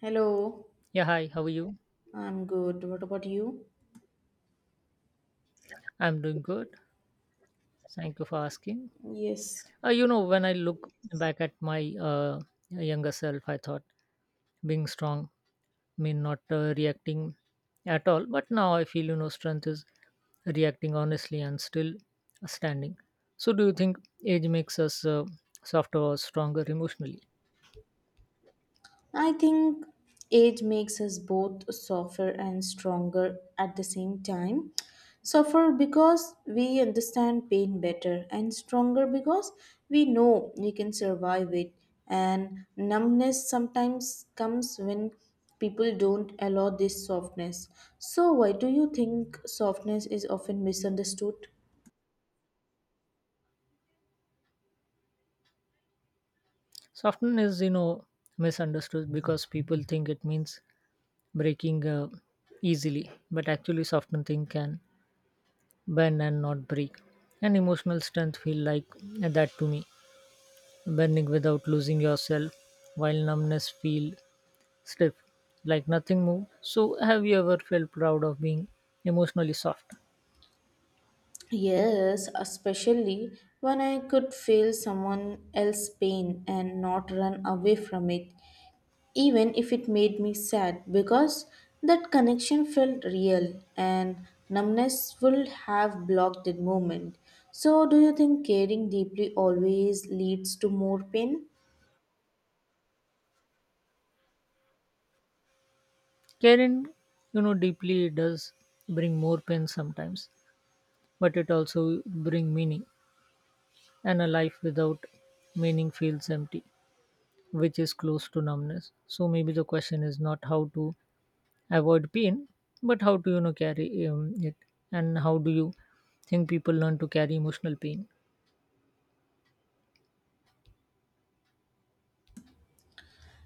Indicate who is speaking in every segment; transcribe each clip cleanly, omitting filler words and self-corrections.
Speaker 1: Hello,
Speaker 2: Yeah, hi, how are you?
Speaker 1: I'm good. What about you?
Speaker 2: I'm doing good. Thank you for asking.
Speaker 1: Yes,
Speaker 2: When I look back at my younger self, I thought being strong mean not reacting at all. But now I feel, you know, strength is reacting honestly and still standing. So, do you think age makes us softer or stronger emotionally?
Speaker 1: I think age makes us both softer and stronger at the same time. Softer because we understand pain better, and stronger because we know we can survive it. And numbness sometimes comes when people don't allow this softness. So, why do you think softness is often misunderstood?
Speaker 2: Softness is, you know, misunderstood because people think it means breaking easily, but actually, softening thing can bend and not break. And emotional strength feel like that to me, bending without losing yourself, while numbness feel stiff, like nothing move. So have you ever felt proud of being emotionally soft?
Speaker 1: Yes, especially when I could feel someone else's pain and not run away from it, even if it made me sad, because that connection felt real and numbness would have blocked that moment. So, do you think caring deeply always leads to more pain?
Speaker 2: Caring, you know, deeply does bring more pain sometimes, but it also bring meaning. And a life without meaning feels empty, which is close to numbness. So maybe the question is not how to avoid pain but how to carry it. And how do you think people learn to carry emotional pain?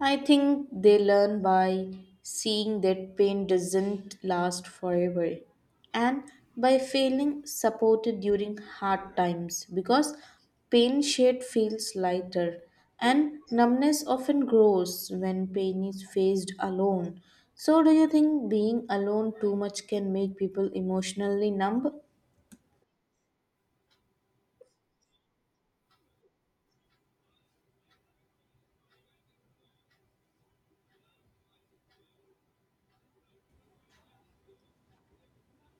Speaker 1: I think they learn by seeing that pain doesn't last forever and by feeling supported during hard times because pain shared feels lighter and numbness often grows when pain is faced alone. So, do you think being alone too much can make people emotionally numb?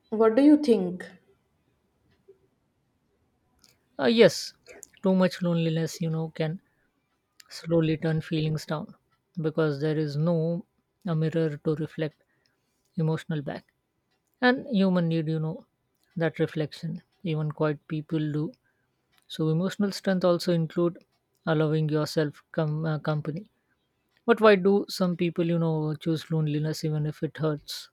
Speaker 1: What do you think?
Speaker 2: Yes, too much loneliness you know can slowly turn feelings down because there is no a mirror to reflect emotional back, and human need you know that reflection, even quiet people do. So emotional strength also include allowing yourself company. But why do some people you know choose loneliness even if it hurts?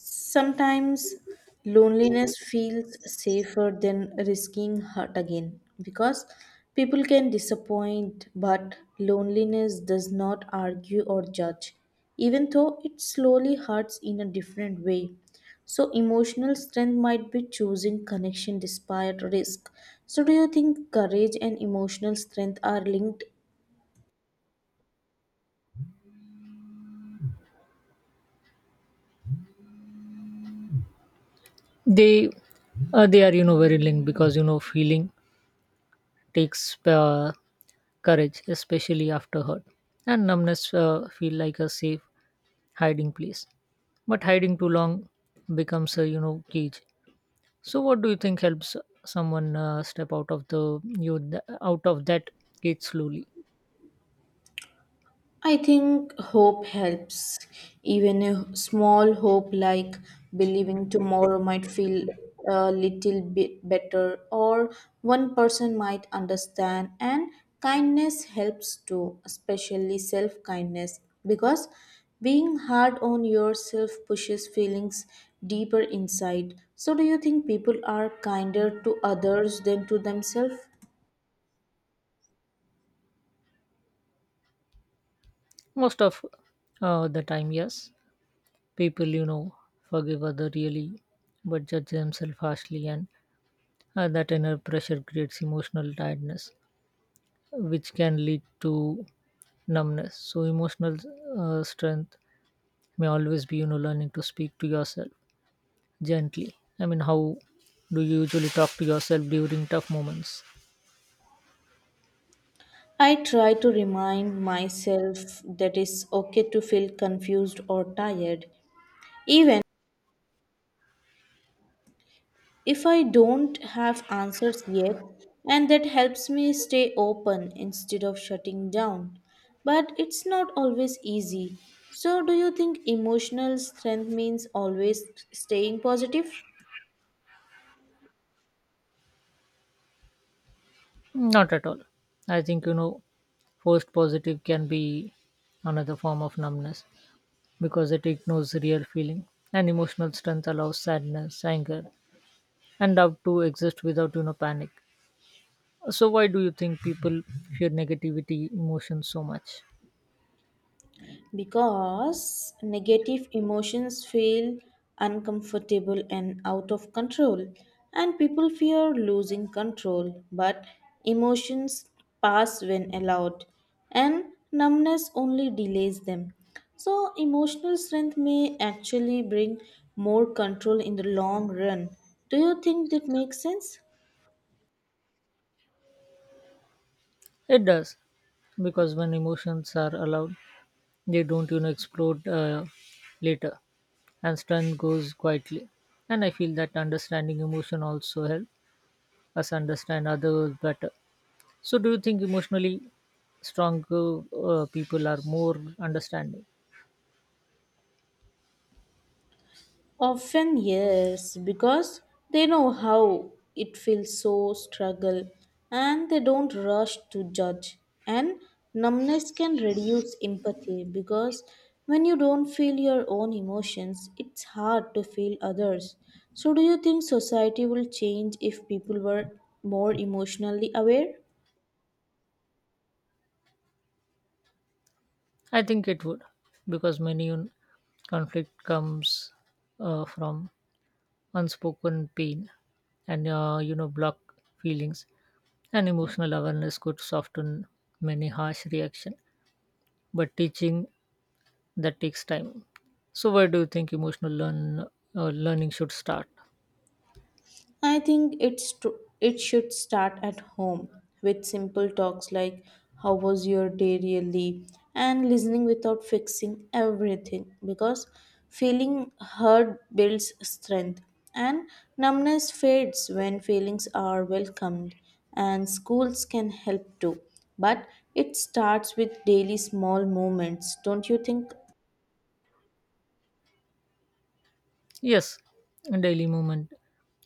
Speaker 1: Sometimes loneliness feels safer than risking hurt again because people can disappoint, but loneliness does not argue or judge, even though it slowly hurts in a different way. So, emotional strength might be choosing connection despite risk. So, do you think courage and emotional strength are linked?
Speaker 2: They uh, they are, you know, very linked because you know feeling takes courage, especially after hurt, and numbness feel like a safe hiding place, but hiding too long becomes a you know cage. So what do you think helps someone step out of out of that cage slowly?
Speaker 1: I think hope helps. Even a small hope like believing tomorrow might feel a little bit better, or one person might understand, and kindness helps too, especially self kindness, because being hard on yourself pushes feelings deeper inside. So, do you think people are kinder to others than to themselves?
Speaker 2: Most of the time, yes, people you know forgive other really but judge themselves harshly, and that inner pressure creates emotional tiredness, which can lead to numbness. So, emotional strength may always be, you know, learning to speak to yourself gently. I mean, how do you usually talk to yourself during tough moments?
Speaker 1: I try to remind myself that it's okay to feel confused or tired, even if I don't have answers yet, and that helps me stay open instead of shutting down. But it's not always easy. So, do you think emotional strength means always staying positive?
Speaker 2: Not at all. I think, you know, forced positive can be another form of numbness because it ignores real feeling. And emotional strength allows sadness, anger, and doubt to exist without, you know, panic. So, why do you think people fear negativity emotions so much?
Speaker 1: Because negative emotions feel uncomfortable and out of control, and people fear losing control, but emotions pass when allowed, and numbness only delays them. So emotional strength may actually bring more control in the long run. Do you think that makes sense?
Speaker 2: It does. Because when emotions are allowed, they don't you know explode later, and strength goes quietly. And I feel that understanding emotion also help us understand others better. So do you think emotionally stronger people are more understanding?
Speaker 1: Often, yes, because they know how it feels so struggle and they don't rush to judge. And numbness can reduce empathy because when you don't feel your own emotions, it's hard to feel others. So, do you think society will change if people were more emotionally aware?
Speaker 2: I think it would, because many conflict comes from unspoken pain and you know block feelings, and emotional awareness could soften many harsh reaction, but teaching that takes time. So, where do you think emotional learning should start?
Speaker 1: I think it should start at home with simple talks like how was your day really, and listening without fixing everything, because feeling heard builds strength and numbness fades when feelings are welcomed. And schools can help too, but it starts with daily small moments, don't you think?
Speaker 2: Yes, daily movement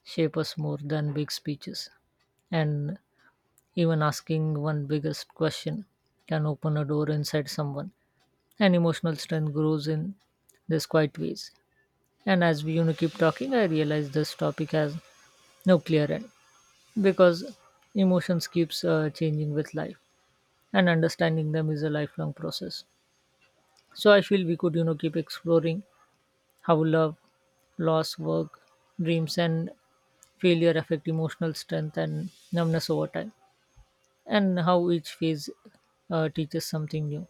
Speaker 2: shape us more than big speeches, and even asking one biggest question can open a door inside someone. And emotional strength grows in these quiet ways. And as we, you know, keep talking, I realize this topic has no clear end because emotions keeps changing with life, and understanding them is a lifelong process. So I feel we could, you know, keep exploring how love, loss, work, dreams, and failure affect emotional strength and numbness over time, and how each phase teaches something new.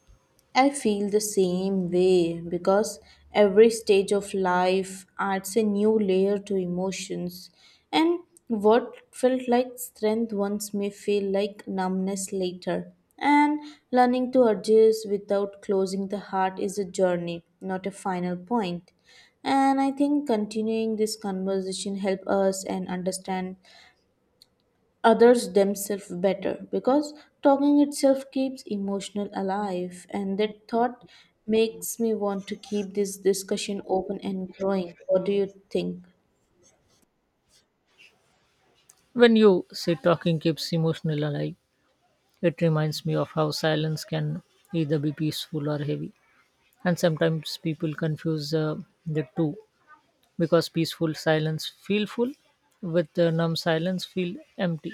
Speaker 1: I feel the same way because every stage of life adds a new layer to emotions, and what felt like strength once may feel like numbness later. And learning to adjust without closing the heart is a journey, not a final point. And I think continuing this conversation help us and understand others themselves better because talking itself keeps emotional alive, and that thought makes me want to keep this discussion open and growing. What do you think?
Speaker 2: When you say talking keeps emotional alive, it reminds me of how silence can either be peaceful or heavy, and sometimes people confuse the two, because peaceful silence feel full, with numb silence feel empty.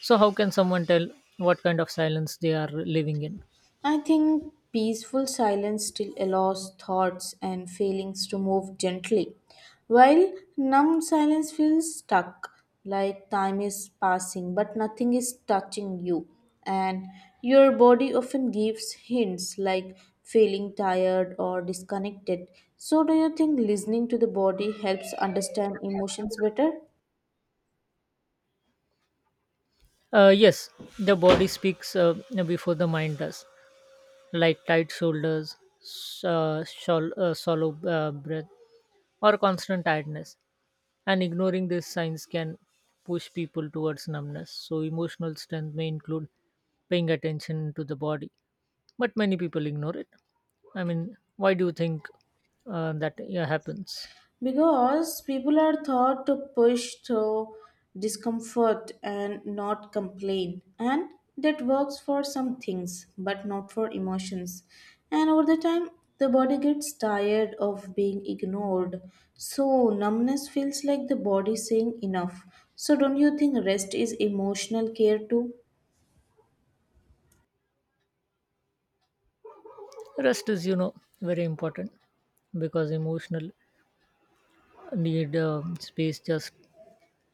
Speaker 2: So, how can someone tell what kind of silence they are living in?
Speaker 1: I think peaceful silence still allows thoughts and feelings to move gently, while numb silence feels stuck, like time is passing but nothing is touching you. And your body often gives hints like feeling tired or disconnected. So, do you think listening to the body helps understand emotions better?
Speaker 2: Yes, the body speaks before the mind does, like tight shoulders, shallow breath, or constant tiredness. And ignoring these signs can push people towards numbness. So, emotional strength may include paying attention to the body, but many people ignore it. I mean, why do you think that, yeah, happens?
Speaker 1: Because people are taught to push through discomfort and not complain, and that works for some things but not for emotions. And over the time the body gets tired of being ignored, so numbness feels like the body saying enough. So don't you think rest is emotional care too?
Speaker 2: Rest is, you know, very important because emotional need space just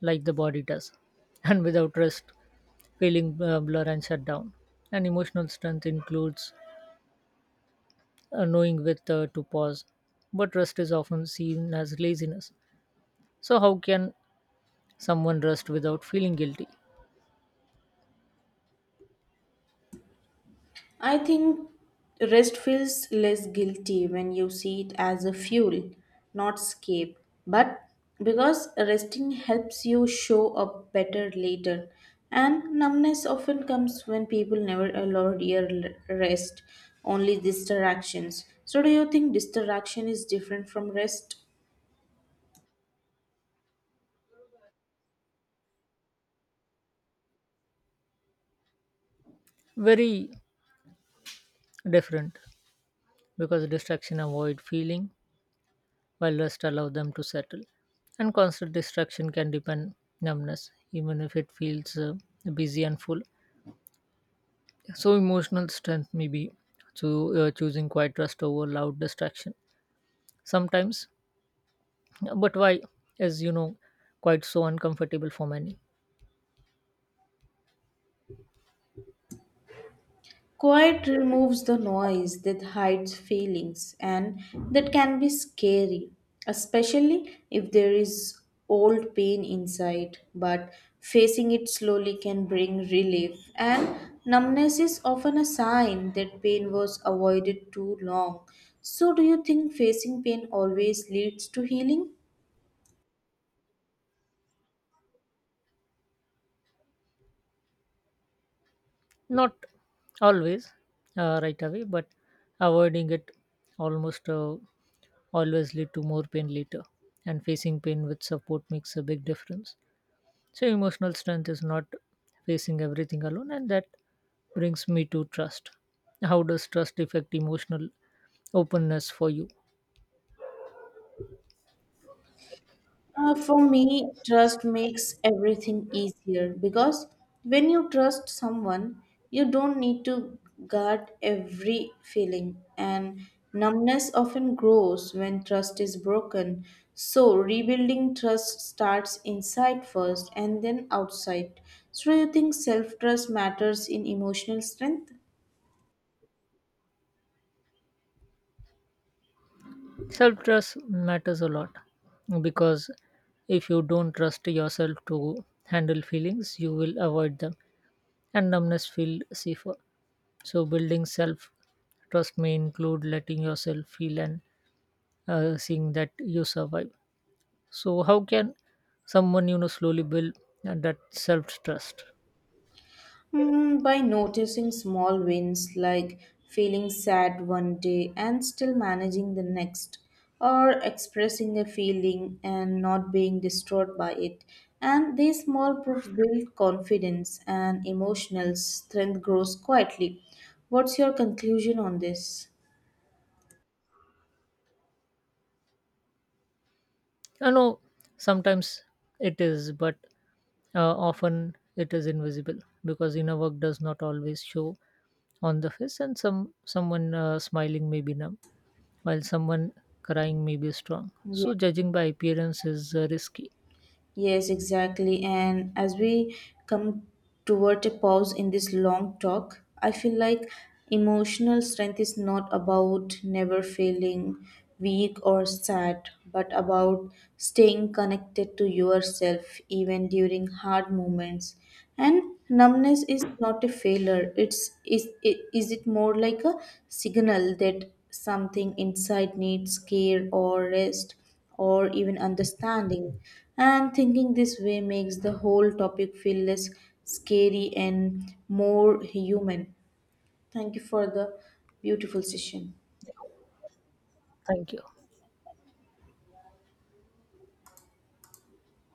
Speaker 2: like the body does. And without rest, feeling blur and shut down. And emotional strength includes knowing with to pause. But rest is often seen as laziness. So, how can someone rest without feeling guilty?
Speaker 1: I think rest feels less guilty when you see it as a fuel, not escape. But because resting helps you show up better later, and numbness often comes when people never allow real rest, only distractions. So, do you think distraction is different from rest?
Speaker 2: Very different, because distraction avoid feeling while rest allow them to settle. And constant distraction can deepen numbness, even if it feels busy and full. So emotional strength may be to choosing quiet trust over loud distraction sometimes. But why is you know quite so uncomfortable for many?
Speaker 1: Quiet removes the noise that hides feelings, and that can be scary, especially if there is old pain inside. But facing it slowly can bring relief, and numbness is often a sign that pain was avoided too long. So, do you think facing pain always leads to healing?
Speaker 2: Not always right away, but avoiding it almost always lead to more pain later, and facing pain with support makes a big difference. So emotional strength is not facing everything alone, and that brings me to trust. How does trust affect emotional openness for you?
Speaker 1: For me, trust makes everything easier because when you trust someone, you don't need to guard every feeling, and numbness often grows when trust is broken. So, rebuilding trust starts inside first and then outside. So, do you think self trust matters in emotional strength?
Speaker 2: Self trust matters a lot, because if you don't trust yourself to handle feelings, you will avoid them and numbness feel safer. So, building self trust may include letting yourself feel and seeing that you survive. So, how can someone you know slowly build that self trust?
Speaker 1: Hmm, by noticing small wins like feeling sad one day and still managing the next, or expressing a feeling and not being distraught by it. And these small proofs build confidence, and emotional strength grows quietly. What's your conclusion on this?
Speaker 2: I know sometimes it is, but often it is invisible, because inner work does not always show on the face, and someone smiling may be numb while someone crying may be strong, so judging by appearance is risky.
Speaker 1: Yes, exactly. And as we come toward a pause in this long talk, I feel like emotional strength is not about never feeling weak or sad, but about staying connected to yourself even during hard moments. And numbness is not a failure. Is it more like a signal that something inside needs care or rest or even understanding? And thinking this way makes the whole topic feel less scary and more human. Thank you for the beautiful session.
Speaker 2: Thank you.